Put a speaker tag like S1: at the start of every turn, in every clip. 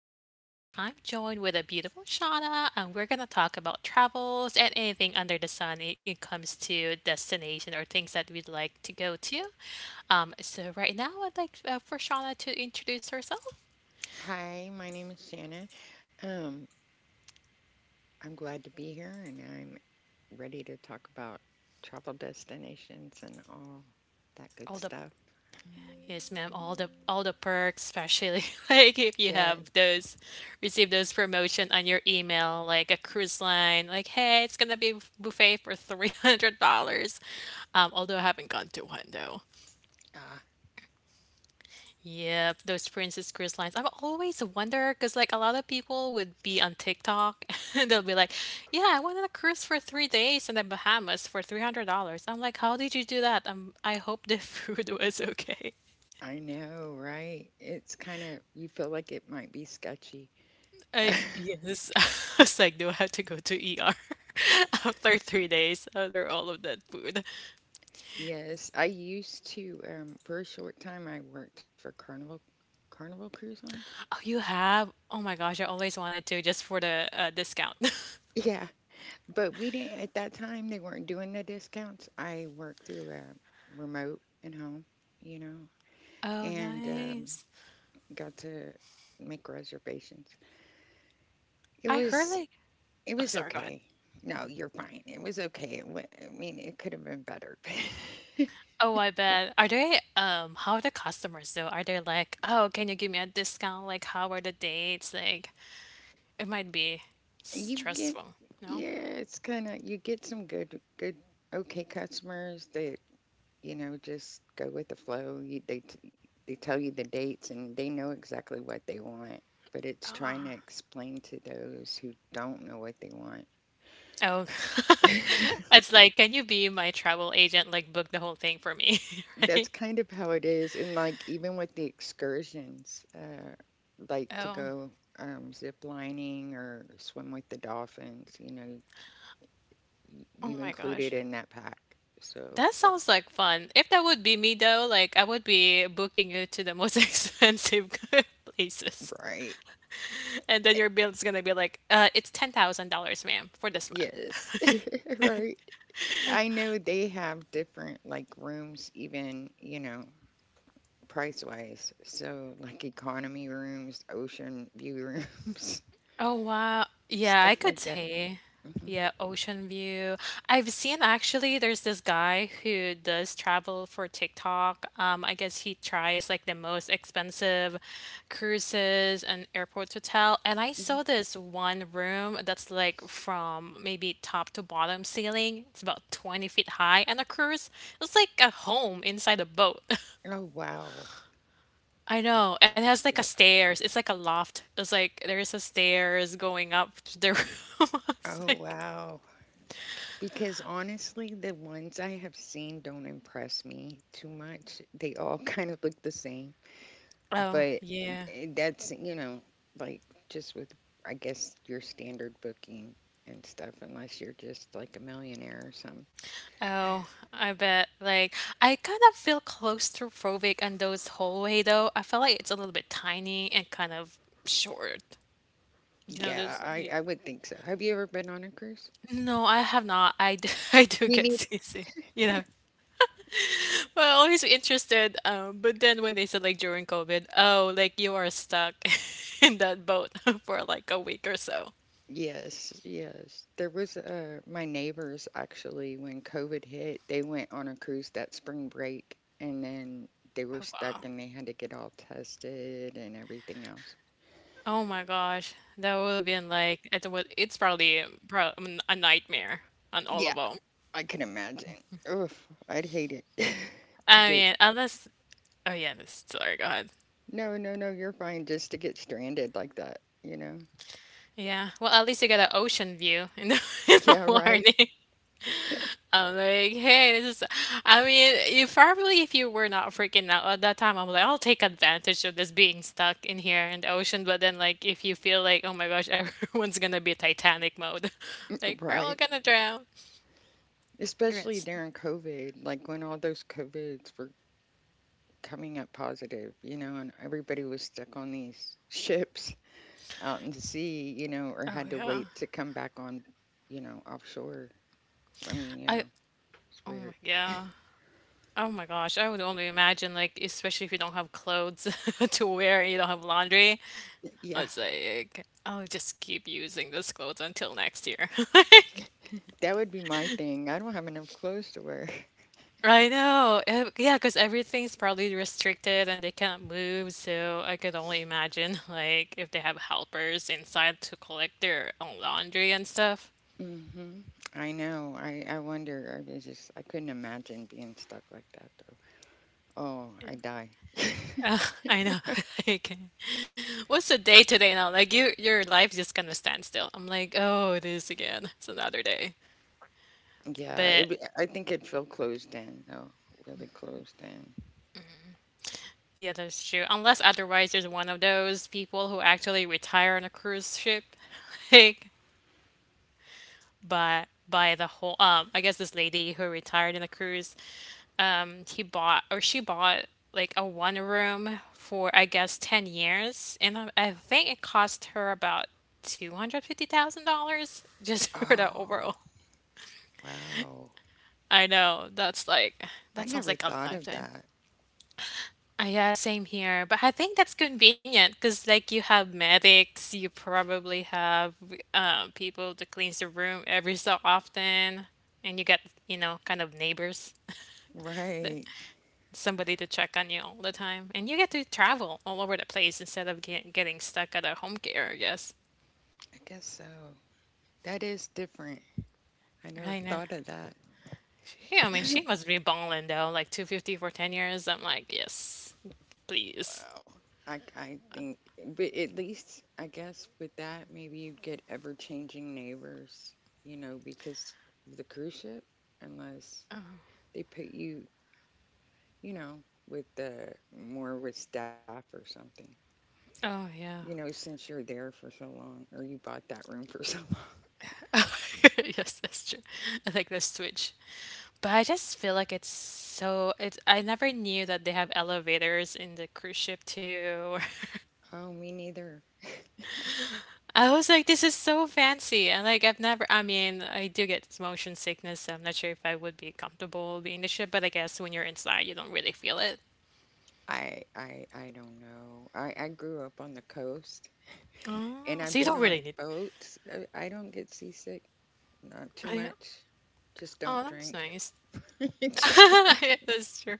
S1: Confessions. Today, I'm joined with a beautiful Shauna, and we're going to talk about travels and anything under the sun when it comes to destination or things that we'd like to go to. Right now, I'd like for Shauna to introduce herself.
S2: Hi, my name is Shanna. Um, I'm glad to be here and I'm ready to talk about travel destinations and all that good
S1: Hold up.
S2: stuff.
S1: Yes, ma'am. All the perks, especially like if you
S2: Yeah.
S1: have those receive those promotion on your email, like a cruise line, like hey, it's gonna be buffet for $300. Although I haven't gone to one though.
S2: Ah,
S1: Yep, those Princess Cruise lines. I've always wonder because like a lot of people would be on TikTok and they'll be like, "Yeah, I went on a cruise for 3 days in the Bahamas for $300." I'm like, "How did you do that?" I hope the food was okay.
S2: I know, right? It's kind of, you feel like it might be sketchy.
S1: I yes, I was like, do I have to go to ER after 3 days after all of that food?
S2: Yes, I used to, for a short time, I worked for Carnival Cruise Lines.
S1: Oh, you have? Oh my gosh, I always wanted to just for the discount.
S2: Yeah, but we didn't, at that time, they weren't doing the discounts. I worked through a remote and home, you know,
S1: Oh,
S2: and
S1: nice.
S2: got to make reservations. It
S1: I heard
S2: was
S1: like,
S2: it
S1: oh,
S2: was
S1: sorry, go ahead.
S2: okay. No, you're fine. It was okay. I mean, it could have been better.
S1: Oh, I bet. Are they, how are the customers though? Are they like, oh, can you give me a discount? Like, how are the dates? Like, it might be
S2: you get
S1: stressful, no?
S2: yeah, it's kind of you get some good okay customers that just go with the flow. They they tell you the dates and they know exactly what they want. But it's trying to explain to those who don't know what they want.
S1: Oh, it's like, can you be my travel agent? Like, book the whole thing for me.
S2: That's kind of how it is. And like even with the excursions, like to
S1: Oh,
S2: go zip lining or swim with the dolphins, y-
S1: oh
S2: you
S1: my
S2: include
S1: gosh.
S2: it in that pack. So.
S1: That sounds like fun. If that would be me though, like I would be booking you to the most expensive places.
S2: Right.
S1: And then your bill is gonna be like, it's $10,000, ma'am, for this month.
S2: Yes, right. I know they have different like rooms, even, price wise. So, like economy rooms, ocean view rooms,
S1: Oh wow. Yeah, I
S2: stuff
S1: could
S2: like that.
S1: say.
S2: Hmm.
S1: Yeah, ocean view. I've seen actually there's this guy who does travel for TikTok. I guess he tries like the most expensive cruises and airport hotel. And I
S2: Hmm.
S1: saw this one room that's like from maybe top to bottom ceiling. It's about 20 feet high and a cruise. It's like a home inside a boat.
S2: Oh, wow.
S1: I
S2: Yeah,
S1: know. And it has
S2: that-
S1: like a stairs. It's like a loft. It's like there is a stairs going up to the room. It's
S2: Oh,
S1: like,
S2: wow. Because honestly, the ones I have seen don't impress me too much. They all kind of look the same,
S1: oh,
S2: but
S1: yeah.
S2: that's, like just with, I guess, your standard booking and stuff, unless you're just like a millionaire or something.
S1: Oh, I bet. Like, I kind of feel claustrophobic on those hallway though. I feel like it's a little bit tiny and kind of short. You know,
S2: Yeah,
S1: those.
S2: I would think so. Have you ever been on a cruise?
S1: No, I have not. I do, I do get
S2: Me
S1: seasick. You know, but I always interested. But then when they said like during COVID, oh, like you are stuck in that boat for like a week or so.
S2: Yes, yes. There was my neighbors actually when COVID hit, they went on a cruise that spring break and then they were
S1: Oh, wow.
S2: stuck and they had to get all tested and everything else.
S1: Oh my gosh. That would have been like it would it's probably pro I mean, a nightmare on all
S2: Yeah,
S1: of them.
S2: I can imagine. Oof, I'd hate it. to
S1: I
S2: get
S1: mean, unless oh yeah, this sorry, go ahead.
S2: No, no, no, you're fine, just to get stranded like that, you know?
S1: Yeah. Well, at least you get an ocean view in the in the
S2: Yeah, right.
S1: morning. I'm like, hey, this is I mean, you probably if you were not freaking out at that time, I'm like, I'll take advantage of this being stuck in here in the ocean. But then like if you feel like, oh my gosh, everyone's gonna be Titanic mode. Like, we're all
S2: Right.
S1: gonna drown.
S2: Especially
S1: Yes.
S2: during COVID, like when all those COVIDs were coming up positive, and everybody was stuck on these ships, out in the sea, or
S1: Oh
S2: had to
S1: yeah.
S2: wait to come back on, offshore. I mean,
S1: I
S2: it's
S1: Oh my
S2: weird.
S1: yeah. Oh my gosh, I would only imagine like especially if you don't have clothes to wear and you don't have laundry.
S2: Yeah,
S1: It's like I'll just keep using this clothes until next year. Like
S2: that would be my thing. I don't have enough clothes to wear.
S1: I know. Yeah, because everything's probably restricted and they cannot move, so I could only imagine like if they have helpers inside to collect their own laundry and stuff.
S2: Hmm. I know. I wonder. I couldn't imagine being stuck like that, though. Oh, I
S1: Yeah.
S2: die.
S1: Uh, I know. Like, what's the day today now? Like you, your life just kind of stands still. I'm like, oh, it is again. It's another day.
S2: Yeah,
S1: But
S2: I think it felt closed in, though. Really closed in.
S1: yeah, that's true. Unless otherwise, there's one of those people who actually retire on a cruise ship, like by the whole. I guess this lady who retired in a cruise. He bought or she bought like a one room for I guess 10 years, and I think it cost her about $250,000 just for the overall
S2: Oh, wow.
S1: I know. That's like
S2: I
S1: that sounds
S2: never
S1: like a
S2: thought of
S1: lifetime.
S2: that.
S1: Yeah, same here. But I think that's convenient because like you have medics, you probably have people to cleans the room every so often, and you get you know kind of neighbors, that-
S2: Right.
S1: somebody to check on you all the time, and you get to travel all over the place instead of getting stuck at a home care. I guess.
S2: I guess so. That is different. I never
S1: Right now.
S2: thought of that.
S1: Yeah, I mean she must be balling though, like 250 for 10 years. I'm like, yes, please.
S2: Wow. I think, but at least, I guess, with that, maybe you'd get ever changing neighbors, because of the cruise ship, unless they put you, you know, with the more with staff or something,
S1: Oh yeah.
S2: since you're there for so long or you bought that room for so
S1: Yes, that's true. I like the switch. But I just feel like it's so it's I never knew that they have elevators in the cruise ship too.
S2: long. Oh, me neither.
S1: I was like, this is so fancy. And like I've never I mean, I do get motion sickness, so I'm not sure if I would be comfortable being in the ship, but I guess when you're inside you don't really feel it.
S2: I don't know. I grew up on the coast and
S1: Oh,
S2: I've
S1: so you
S2: been
S1: don't really
S2: on
S1: need.
S2: boats. I don't get seasick. Not too
S1: Oh, yeah.
S2: much. Just
S1: Oh,
S2: don't
S1: that's
S2: drink.
S1: nice.
S2: Just don't
S1: Yeah, that's true.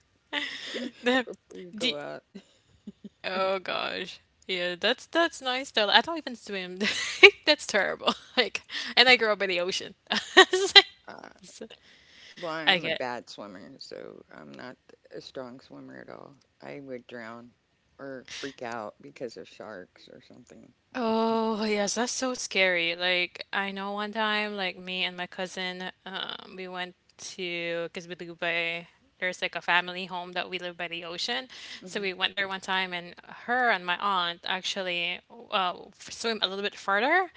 S1: The,
S2: before you
S1: do,
S2: go out.
S1: Oh gosh. Yeah, that's nice though. I don't even swim. That's terrible. Like, and I grew up by the ocean.
S2: Uh,
S1: So,
S2: well,
S1: I
S2: I'm a
S1: get.
S2: bad swimmer, so I'm not a strong swimmer at all. I would drown or freak out because of sharks or something.
S1: Oh, yes, that's so scary. Like, I know one time, like, me and my cousin, we went to, because we live by, there's like a family home that we live by the ocean. So we went there one time, and her and my aunt actually swim a little bit further.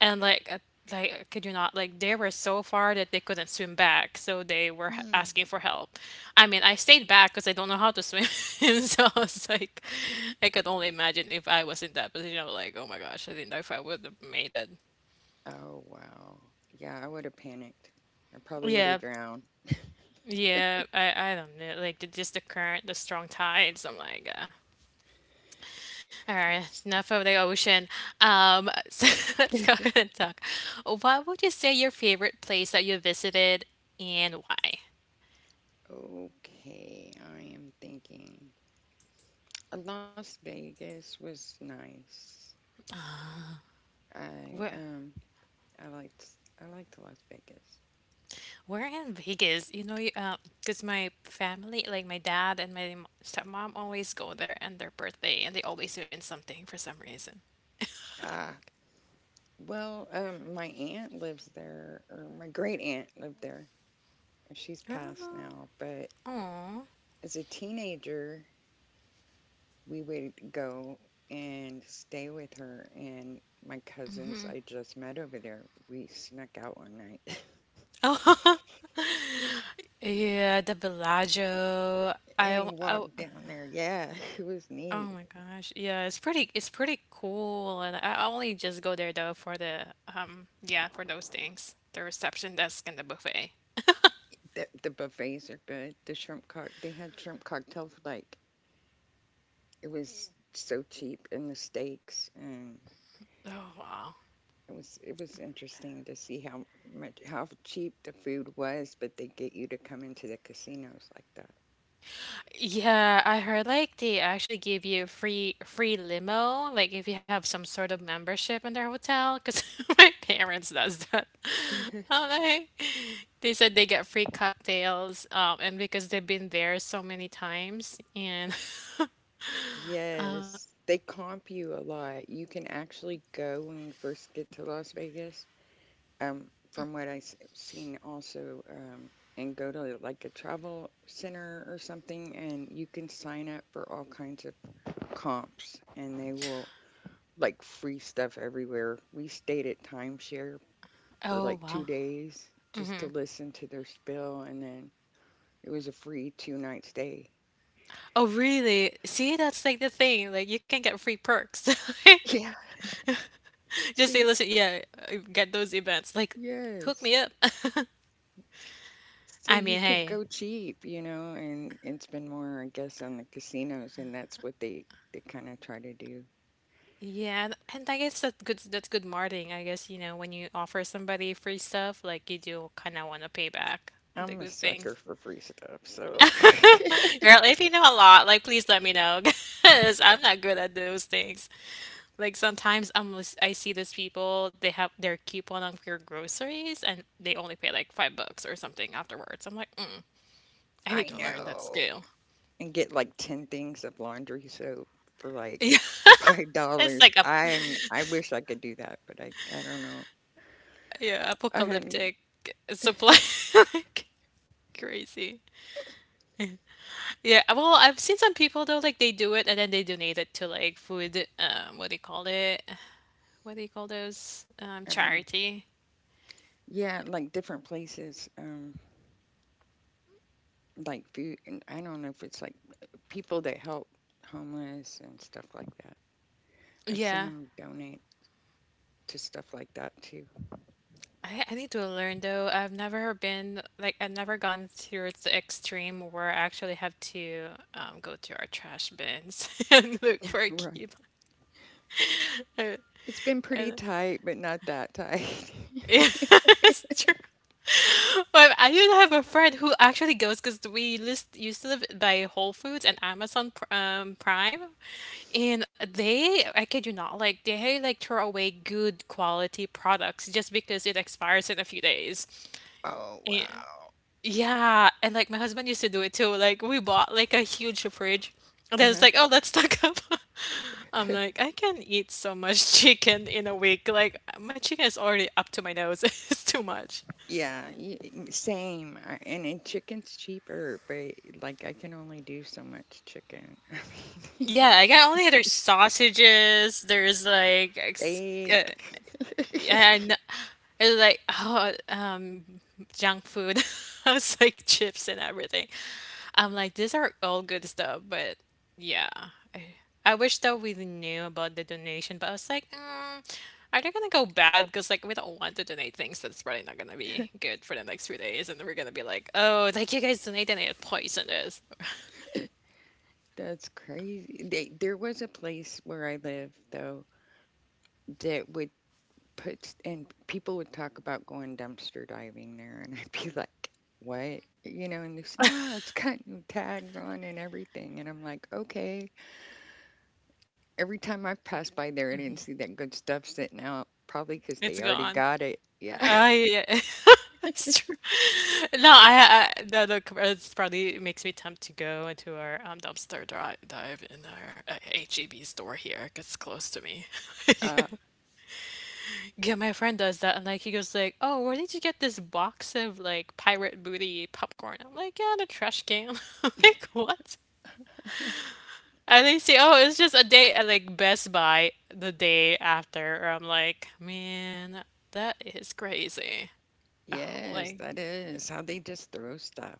S1: And, like, could you not? Like, they were so far that they couldn't swim back. So they were asking
S2: Hmm.
S1: for help. I mean, I stayed back because I don't know how to swim. So I was like, I could only imagine if I was in that position. I was like, oh my gosh, I didn't know if I would have made it.
S2: Oh, wow. Yeah, I would have panicked. I probably would have
S1: Yeah,
S2: drowned.
S1: yeah. I don't know. Like the, just the current, the strong tides. I'm like, all right, enough of the ocean. So let's go ahead and talk. What would you say your favorite place that you visited and why?
S2: Okay, I am thinking. Las Vegas was nice. I
S1: We're
S2: um I liked I liked Las Vegas.
S1: we're in Vegas, you know, because my family, like my dad and my stepmom, always go there on their birthday, and they always win something for some reason.
S2: Ah, well, my aunt lives there, or my great aunt lived there. She's passed now, but
S1: Oh,
S2: as a teenager, we would go and stay with her and my cousins I just met over there. We snuck out one night
S1: yeah, the Bellagio.
S2: and walked down there. Yeah, it was
S1: Oh
S2: neat.
S1: my gosh. Yeah, it's pretty cool and I only just go there though for the yeah, for those things. The reception desk and the buffet.
S2: The buffets are good. They had shrimp cocktails. Like, it was so cheap, and the steaks and
S1: Oh wow.
S2: it was interesting to see how cheap the food was, but they get you to come into the casinos like that.
S1: Yeah, I heard like they actually give you free limo like if you have some sort of membership in their hotel 'cause my parents does that. I'm like, they said they get free cocktails and because they've been there so many times and
S2: Yes, they comp you a lot. You can actually go when you first get to Las Vegas. From what I've seen also, and go to like a travel center or something, and you can sign up for all kinds of comps, and they will like free stuff everywhere. We stayed at timeshare for
S1: Oh,
S2: like two
S1: wow.
S2: days just to listen to their spill, and then it was a free two night stay.
S1: Oh, really? See, that's like the thing. Like, you can get free perks.
S2: Yeah.
S1: Like, just
S2: So
S1: say, listen, yeah, get those events. Like, hook
S2: yes.
S1: me up.
S2: So
S1: I
S2: you
S1: mean,
S2: could
S1: hey.
S2: go cheap, and spend more, I guess, on the casinos, and that's what they kind of try to do.
S1: Yeah, and I guess that's good. That's good marketing. I guess, you know, when you offer somebody free stuff, like, you do kind of want to pay back the
S2: I'm a
S1: good
S2: sucker
S1: things.
S2: for free stuff, so.
S1: Girl, if you know a lot, like, please let me know, because I'm not good at those things. Like sometimes I see these people they have their coupon on your groceries and they only pay like $5 or something afterwards. I'm like, mm, I need
S2: I
S1: to learn that
S2: know.
S1: skill.
S2: And get like 10 things of laundry soap for
S1: Yeah,
S2: like five
S1: it's
S2: dollars.
S1: like a
S2: I wish I could do that, but I don't know.
S1: yeah
S2: I hadn't.
S1: apocalyptic supply like crazy. Yeah, well, I've seen some people though like they do it and then they donate it to like food. What do you call it? What do you call those?
S2: Um,
S1: Charity.
S2: Yeah, like different places, like food. And I don't know if it's like people that help homeless and stuff like that. I've seen
S1: Yeah.
S2: them donate to stuff like that too.
S1: I need to learn though. I've never been like I've never gone through the extreme where I actually have to go to our trash bins and look for a
S2: Right.
S1: coupon.
S2: It's been
S1: I
S2: pretty
S1: know.
S2: tight, but not that tight.
S1: It's true. But I used to have a friend who actually goes because we list used to live by Whole Foods and Prime, and they I kid you not like they like throw away good quality products just because it expires in a few days.
S2: Oh, wow.
S1: Yeah, and like my husband used to do it too. Like we bought like a huge fridge, and then it's
S2: Uh-huh.
S1: like, oh, let's stock up. I'm like, I can eat so much chicken in a week. Like my chicken is already up to my nose. It's too much.
S2: Yeah, same. And chicken's cheaper, but like I can only do so much chicken. I mean,
S1: Yeah, I got only there's sausages. There's like uh,
S2: steak.
S1: and it was like, junk food. I was like chips and everything. I'm like, these are all good stuff, but yeah. I, I wish that we knew about the donation, but I was like, are they gonna go bad? Because like, we don't want to donate things that's probably not gonna be good for the next few days, and we're gonna be like, oh, like you guys donated and it poisoned us.
S2: That's crazy. There was a place where I live though that would and people would talk about going dumpster diving there, and I'd be like, "What?" You know, and it's no, it's got new tags on and everything, and I'm like, "Okay." Every time I passed by there, I didn't see that good stuff sitting out, probably because
S1: It's
S2: they already
S1: gone.
S2: got it. Yeah.
S1: I, yeah. It's true. No, I the it's probably makes me tempt to go into our dumpster dri dive in our HEB store here, 'cause it's close to me.
S2: uh,
S1: Yeah, my friend does that, and like he goes like, "Oh, where did you get this box of like pirate booty popcorn?" I'm like, "Yeah, the trash can." Like, what? And they say, "Oh, it's just a day at like Best Buy the day after." Or I'm like, "Man, that is crazy." Oh,
S2: yes,
S1: like.
S2: that is how they just throw stuff.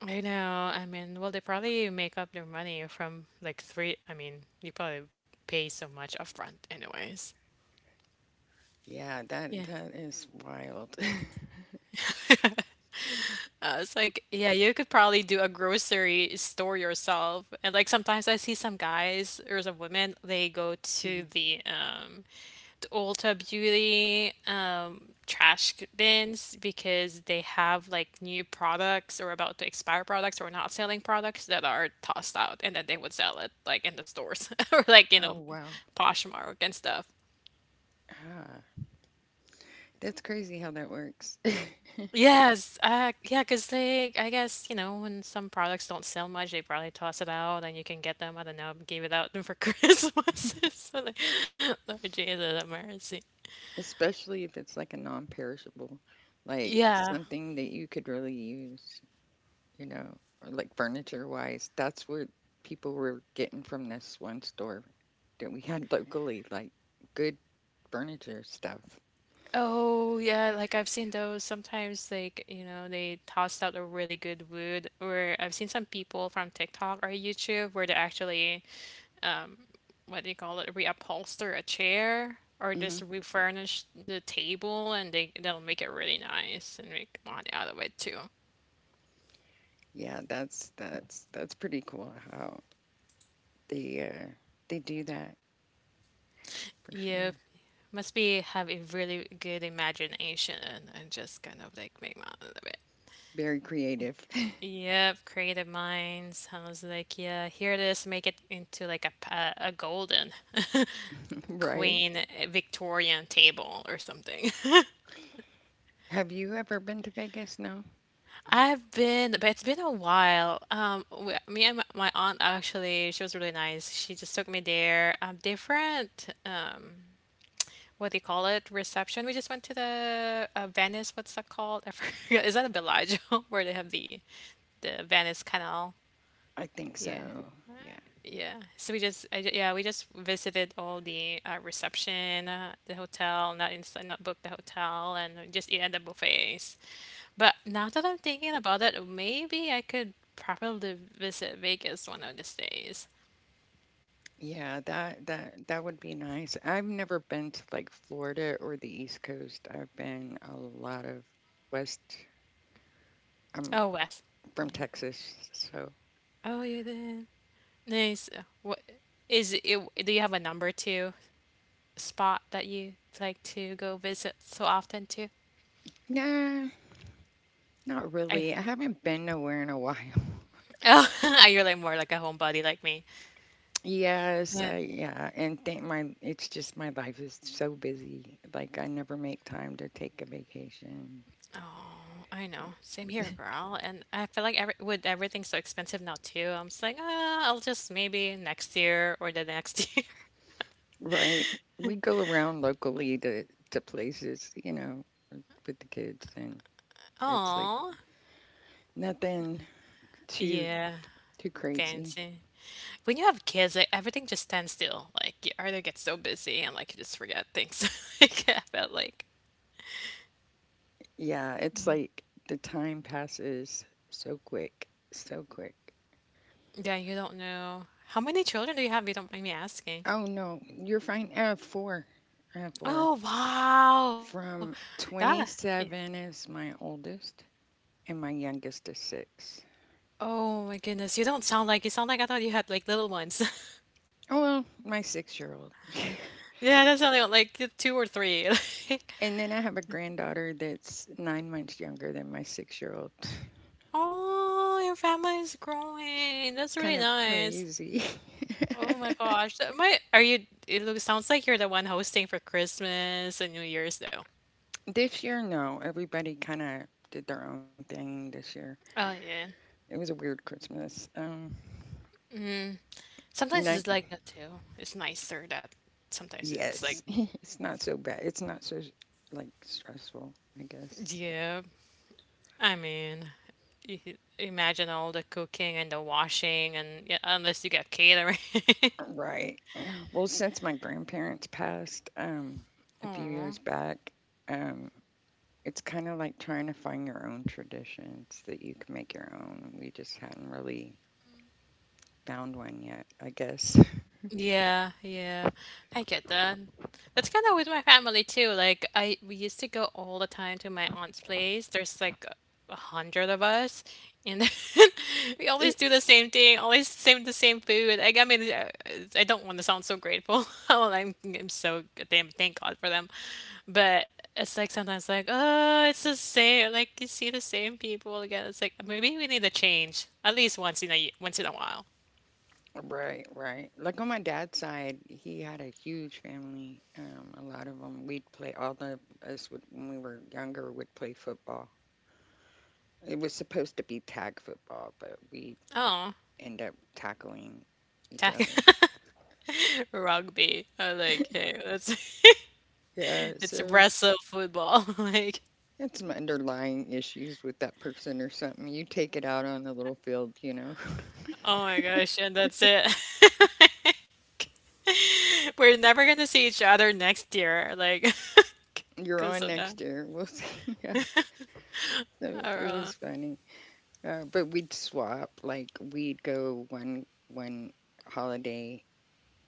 S1: I know. I mean, well, they probably make up their money from like three. I mean, you probably pay so much upfront anyways.
S2: Yeah, that
S1: Yeah.
S2: that is wild.
S1: It's like, yeah, you could probably do a grocery store yourself. And like sometimes I see some guys or some women, they go
S2: Mhm.
S1: to the Ulta Beauty bins because they have like new products or about to expire products or not selling products that are tossed out, and then they would sell it like in the stores or like, you
S2: Oh,
S1: know,
S2: wow.
S1: Poshmark and stuff.
S2: Ah. That's crazy how that works,
S1: Yes, yeah, because they, I guess, you know, when some products don't sell much, they probably toss it out, and you can get them, I don't know, give it out for Christmas. So, like, Lord Jesus, have mercy.
S2: especially if it's like a non-perishable, like
S1: Yeah.
S2: something that you could really use, you know, or like furniture wise. That's where people were getting from this one store that we had locally, like good furniture stuff.
S1: Oh, yeah, like I've seen those sometimes, like, you know, they tossed out a really good wood. Or I've seen some people from TikTok or YouTube where they actually, um, what do you call it, reupholster a chair or
S2: Hmm.
S1: just refurnish the table, and they'll make it really nice and make money out of it too.
S2: Yeah, that's pretty cool how they uh, they do that for
S1: Yep.
S2: sure.
S1: Must be have a really good imagination and just kind of like make money out of it.
S2: Very creative,
S1: Yep, creative minds. I was like, yeah, here it is. Make it into like a golden
S2: right?
S1: queen Victorian table or something.
S2: Have you ever been to Vegas? No,
S1: I've been, but it's been a while. Me and my aunt actually, she was really nice. She just took me there. Different, what do you call it? Reception. We just went to the Venice. What's that called? I forget. Is that a Bellagio where they have the Venice Canal?
S2: I think
S1: Yeah.
S2: so.
S1: Yeah. So we just, yeah, we just visited all the reception, the hotel, not booked the hotel, and we just eat at the buffets. But now that I'm thinking about it, maybe I could probably visit Vegas one of these days.
S2: Yeah, that would be nice. I've never been to like Florida or the East Coast. I've been a lot of West. I'm
S1: Oh, Wes.
S2: from
S1: Yeah.
S2: Texas, so.
S1: Oh, you did. Nice. What is it? Do you have a number two spot that you like to go visit so often too?
S2: Nah, not
S1: I,
S2: really. I haven't been nowhere in a while.
S1: oh, you're like more like a homebody like me.
S2: Yes,
S1: Yeah.
S2: I yeah, and think my it's just my life is so busy. Like, I never make time to take a vacation.
S1: I know. Same here, girl. And I feel like every, with everything so expensive now too, I'm just like, ah, I'll just maybe next year or the next year.
S2: Right. We go around locally to places, with the kids, and it's like
S1: Oh,
S2: nothing Too
S1: yeah,
S2: too crazy.
S1: fancy. When you have kids, like, everything just stands still. Like you either get so busy and like you just forget things. Like, I felt like,
S2: Yeah, it's like the time passes so quick, so quick.
S1: yeah, you don't know. How many children do you have? You don't mind me asking.
S2: Oh no, you're fine. I have four. I have four.
S1: Oh wow,
S2: From
S1: that, yeah.
S2: 27 is my oldest, and my youngest is 6.
S1: Oh my goodness, you don't sound like, you sound like, I thought you had like little ones.
S2: Oh well, my 6-year-old.
S1: Yeah, that's only like two or three. Like,
S2: And then I have a granddaughter that's 9 months younger than my 6-year-old.
S1: oh, your family is growing.
S2: It's
S1: That's really
S2: kind of
S1: nice.
S2: crazy.
S1: Oh my gosh. That might, are you, it looks, sounds like you're the one hosting for Christmas and New Year's though.
S2: This year, no. Everybody kind of did their own thing this year.
S1: Oh yeah.
S2: It was a weird Christmas.
S1: Sometimes
S2: Not,
S1: it's like that too. It's nicer that sometimes it's like,
S2: yes, it's not so bad. It's not so like stressful, I guess.
S1: yeah. I mean, you could imagine all the cooking and the washing, and yeah, unless you get catering.
S2: Right. Well, since my grandparents passed a few
S1: Aw.
S2: years back, um it's kind of like trying to find your own traditions that you can make your own. We just hadn't really found one yet, I guess.
S1: Yeah, yeah. I get that. That's kind of with my family too. Like I we used to go all the time to my aunt's place. There's like 100 of us, and then we always do the same thing, always same the same food. Like, I mean, I don't want to sound so grateful. Well, I'm so damn, thank God for them. But it's like sometimes like, oh, it's the same. Like you see the same people again. It's like, maybe we need a change at least once in a while.
S2: Right, right. Like, on my dad's side, he had a huge family. A lot of them, all of us would, when we were younger, would play football. It was supposed to be tag football, but we
S1: Oh,
S2: end up tackling each
S1: tack.
S2: other.
S1: Rugby. I like, hey, that's
S2: Yeah,
S1: it's
S2: so
S1: wrestle football. Like,
S2: it's some underlying issues with that person or something. You take it out on the little field, you know.
S1: oh my gosh, and that's it. We're never gonna see each other next year, like,
S2: You're
S1: because
S2: on
S1: of that.
S2: next year. We'll see. Yeah. So
S1: Or,
S2: it was funny. But we'd swap. Like, we'd go one holiday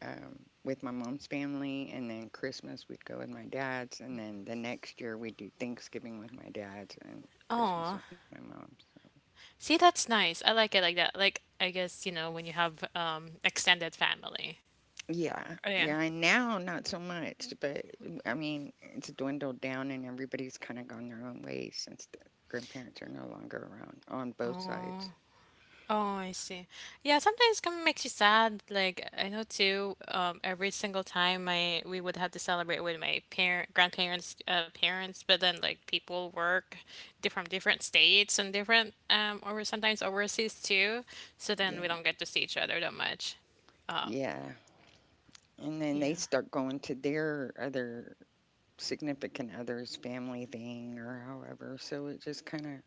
S2: um, with my mom's family, and then Christmas we'd go with my dad's, and then the next year we'd do Thanksgiving with my dad's and Christmas
S1: oh,
S2: with my mom's. So,
S1: see, that's nice. I like it like that. Like, I guess, you know, when you have extended family.
S2: yeah,
S1: Oh, yeah.
S2: yeah, and now not so much, but I mean it's dwindled down, and everybody's kind of gone their own ways since the grandparents are no longer around on both
S1: Oh.
S2: sides.
S1: Oh, I see. Yeah, sometimes kind of makes you sad. Like I know too. Every single time my we would have to celebrate with my grandparents, parents, but then like people work from different states and different or sometimes overseas too. So then
S2: Yeah,
S1: we don't get to see each other that much.
S2: yeah, and then they
S1: Yeah,
S2: start going to their other significant other's family thing or however, so it just kind of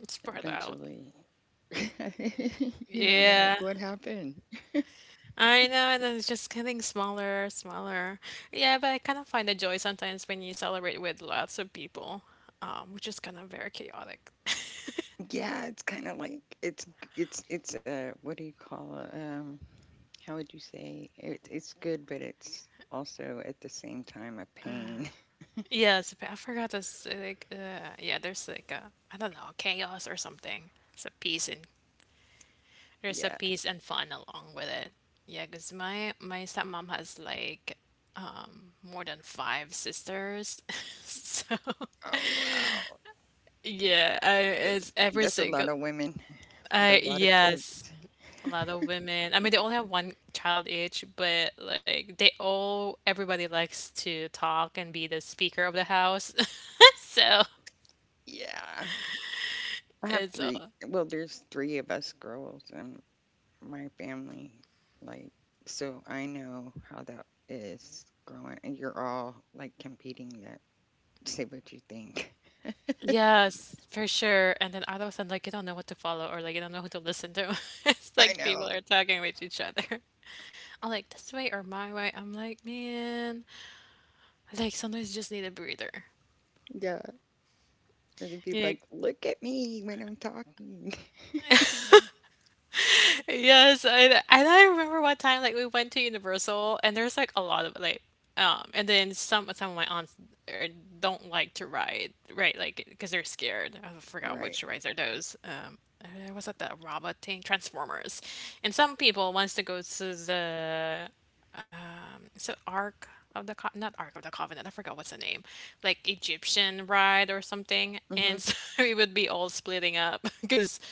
S1: it's spread out.
S2: eventually. They're
S1: Yeah,
S2: like, what happened?
S1: I know, and then it's just getting smaller, smaller. Yeah, but I kind of find the joy sometimes when you celebrate with lots of people, which is kind of very chaotic.
S2: Yeah, it's kind of like it's a what do you call it? How would you say it, it's good, but it's also at the same time a pain.
S1: Yes, I forgot this. Like, yeah, there's like a, I don't know, chaos or something. It's a peace and there's a
S2: Yeah.
S1: peace and fun along with it. Yeah, cause my stepmom has like more than 5 sisters, so
S2: Oh, wow,
S1: yeah, I,
S2: that's
S1: it's every
S2: that's a
S1: single.
S2: lot of women, with a
S1: I,
S2: lot of kids.
S1: yes, a lot of women. I mean, they only have one child each, but like they all, everybody likes to talk and be the speaker of the house, so
S2: Yeah, I have
S1: it's
S2: three.
S1: all.
S2: Well, there's three of us girls, and my family. Like, so I know how that is growing. And you're all like competing. That say what you think.
S1: Yes, for sure. And then all of a sudden, like, you don't know what to follow, or like you don't know who to listen to. It's
S2: I
S1: like
S2: know.
S1: people are talking with each other. I'm like, this way or my way. I'm like, man, like sometimes you just need a breather.
S2: Yeah. Or they'd be like, look at me when I'm talking.
S1: Yes, and I remember one time like we went to Universal and there's like a lot of like and then some of my aunts are, don't like to ride right, like because they're scared. I forgot
S2: Right.
S1: which rides are those. Was that the robot thing? Transformers, and some people wants to go to the is it Ark of the not Ark of the Covenant. I forgot what's the name, like Egyptian ride or something. And
S2: Hmm.
S1: so we would be all splitting up because,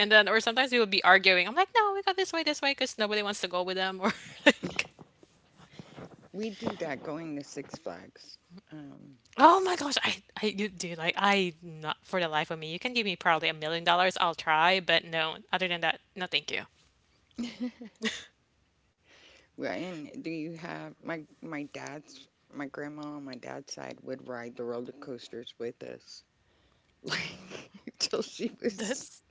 S1: and then, or sometimes we would be arguing. I'm like, no, we got this way, because nobody wants to go with them. Or like,
S2: We do that going to Six Flags. Um,
S1: oh my gosh, dude, like, I, not for the life of me, you can give me probably $1 million, I'll try, but no, other than that, no, thank you.
S2: well, and do you have my grandma on my dad's side would ride the roller coasters with us, like till she was
S1: That's,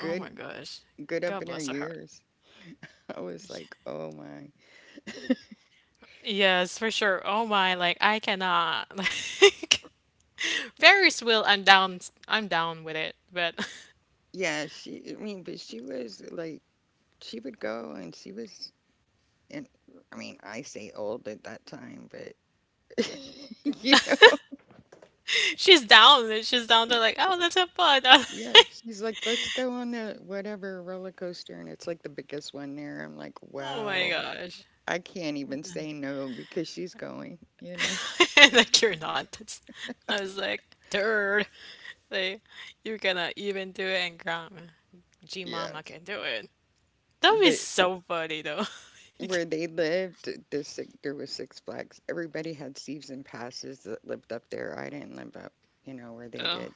S1: oh my gosh,
S2: good up
S1: God
S2: in her
S1: bless her heart.
S2: years. I was like, oh my.
S1: Yes, for sure. Oh my, like, I cannot. Like, Ferris wheel, I'm down with it, but
S2: Yeah, she, I mean, but she was like, she would go and she was, and I mean, I say old at that time, but, you
S1: she's down. She's down
S2: know,
S1: to like, oh, let's have fun.
S2: yeah, she's like, let's go on the whatever roller coaster. And it's like the biggest one there. I'm like,
S1: Oh my
S2: wow,
S1: gosh.
S2: I can't even say no because she's going, you know?
S1: Like, you're not. That's, I was like, dude, like you're gonna even do it, and grandma, G
S2: Yeah.
S1: Mama can do it. That would be
S2: But
S1: so funny though. Like,
S2: where they lived, the six, there was Six Flags. Everybody had season passes that lived up there. I didn't live up, you know, where they
S1: oh,
S2: did.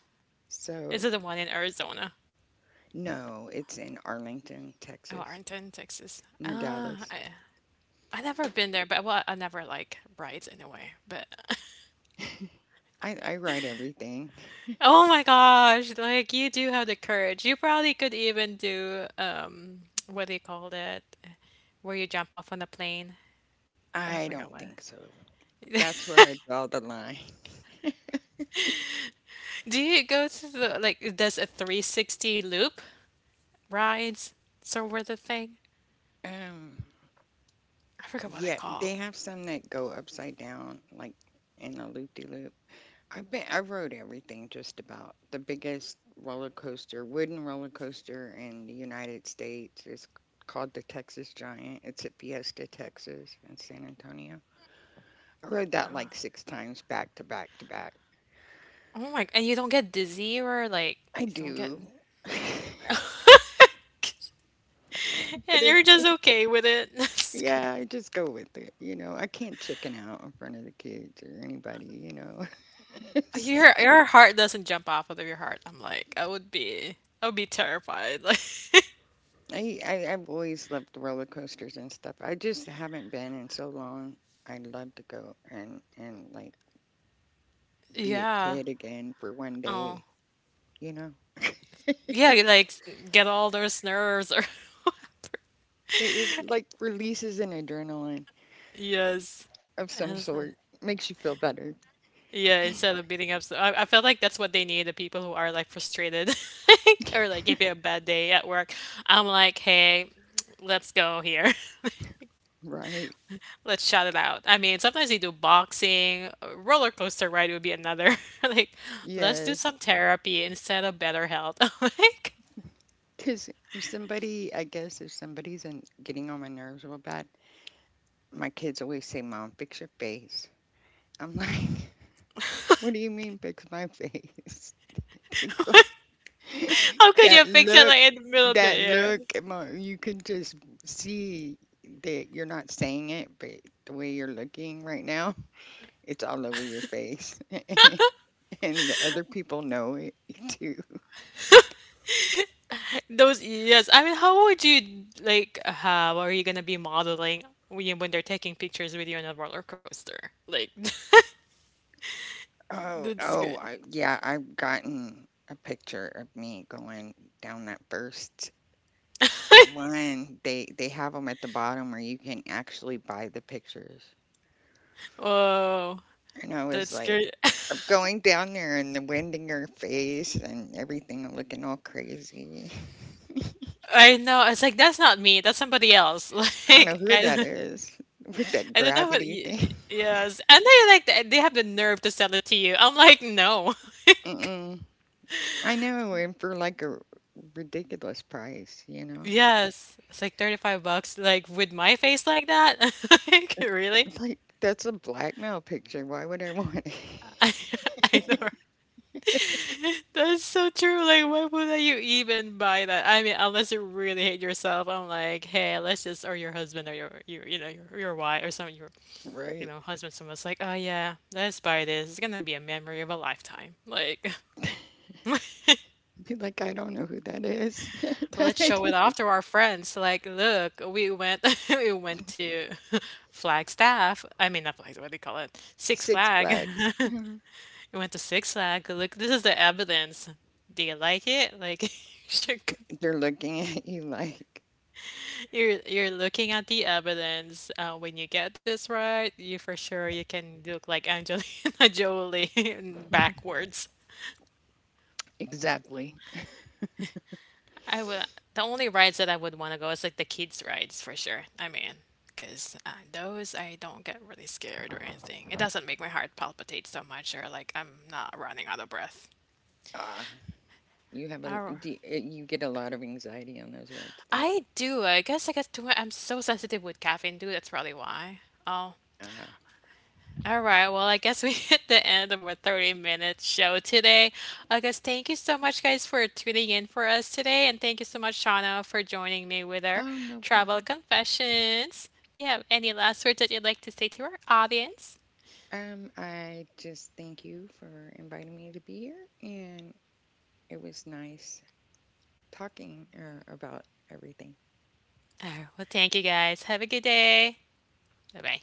S1: is
S2: So
S1: it the one in Arizona?
S2: no, it's in Arlington,
S1: Oh,
S2: Texas,
S1: Arlington, Texas.
S2: near
S1: Ah,
S2: Dallas.
S1: I never been there, but well, I never like rides anyway. But
S2: I write everything.
S1: oh my gosh, like you do have the courage. You probably could even do what do you call it, where you jump off on the plane. I
S2: I
S1: forgot
S2: don't
S1: what.
S2: think so. That's where I draw the line.
S1: Do you go to the like does a 360 loop rides sort of the thing?
S2: Um,
S1: I forget what they
S2: yeah, they
S1: call.
S2: have some that go upside down, like in a loop de loop. I have been I rode everything just about. The biggest roller coaster, wooden roller coaster in the United States is called the Texas Giant. It's at Fiesta, Texas, in San Antonio. I rode that like six times back to back to back.
S1: Oh my, and you don't get dizzy or like
S2: I
S1: you don't get
S2: do. But
S1: and you're
S2: it's
S1: just
S2: like,
S1: okay with it. That's great.
S2: yeah, I just go with it. You know, I can't chicken out in front of the kids or anybody, you know.
S1: Your heart doesn't jump off of your heart. I'm like, I would be terrified. Like,
S2: I've always loved roller coasters and stuff. I just haven't been in so long. I'd love to go and like be a
S1: yeah.
S2: kid again for one
S1: Oh.
S2: day. You know,
S1: Yeah, you, like, get all those nerves or
S2: it like releases an adrenaline
S1: yes.
S2: of some
S1: Yes.
S2: sort, makes you feel better,
S1: Yeah, instead of beating up, so I felt like that's what they need, the people who are like frustrated or like if you have a bad day at work. I'm like, hey, let's go here.
S2: right?
S1: Let's shout it out. I mean, sometimes they do boxing, a roller coaster ride would be another. Like, let's do
S2: Yes,
S1: some therapy instead of better health. Like,
S2: because if somebody, I guess, if somebody's in, getting on my nerves real bad, my kids always say, "Mom, fix your face." I'm like, "What do you mean, fix my face?" They go,
S1: how could
S2: that
S1: you fix it
S2: look,
S1: like in the middle of the
S2: that
S1: air?
S2: look, mo- you can just see that you're not saying it, but the way you're looking right now, it's all over your face. And the other people know it too.
S1: Those, yes. I mean, how would you like? How are you gonna be modeling when they're taking pictures with you on a roller coaster? Like,
S2: Oh,
S1: that's good.
S2: yeah, I've gotten a picture of me going down that first one. They have them at the bottom where you can actually buy the pictures.
S1: Whoa,
S2: And I was
S1: that's
S2: like,
S1: great.
S2: I'm going down there and the wind in your face and everything looking all crazy.
S1: I know, it's like, "That's not me, that's somebody else."
S2: I don't know
S1: Like,
S2: who that is with that
S1: I don't know what
S2: gravity
S1: y
S2: thing.
S1: y yes, and they, like, th they have the nerve to sell it to you. I'm like, "No." Like,
S2: Mm-mm. I know, and for like a ridiculous price, you know?
S1: yes, it's like 35 bucks, like, with my face like that? Like, really?
S2: It's like, that's a blackmail picture. Why would I want it?
S1: I I know, right? That's so true, like, why would you even buy that? I mean, unless you really hate yourself, I'm like, "Hey, let's just," or your husband or your, you know, your wife or some your, you
S2: Right.
S1: know, husband, someone's like, "Oh yeah, let's buy this. It's gonna be a memory of a lifetime." Like,
S2: Be like, I don't know who that is.
S1: let's show it off to our friends. Like, look, we went we went to Flagstaff. I mean, not Flagstaff. What do you call it? Six
S2: Six
S1: Flag.
S2: Flags. they
S1: We went to Six Flag. Look, this is the evidence. Do you like it? Like, you should go-
S2: They're looking at you like,
S1: you're looking at the evidence. When you get this right, you for sure you can look like Angelina Jolie backwards.
S2: exactly.
S1: I would. The only rides that I would want to go is like the kids' rides for sure. I mean, because those I don't get really scared or anything. It doesn't make my heart palpitate so much, or like I'm not running out of breath.
S2: Ah. You have a
S1: Oh,
S2: do you, you get a lot of anxiety on those rides then.
S1: I do. I guess I get too. I'm so sensitive with caffeine, dude. That's probably why. Oh,
S2: Ah,
S1: all right, well, I guess we hit the end of our 30-minute show today. I guess thank you so much, guys, for tuning in for us today. And thank you so much, Shauna, for joining me with our
S2: oh no
S1: travel
S2: problem.
S1: confessions. Do you have any last words that you'd like to say to our audience?
S2: I just thank you for inviting me to be here, and it was nice talking about everything.
S1: All right, well, thank you, guys. Have a good day. Bye bye.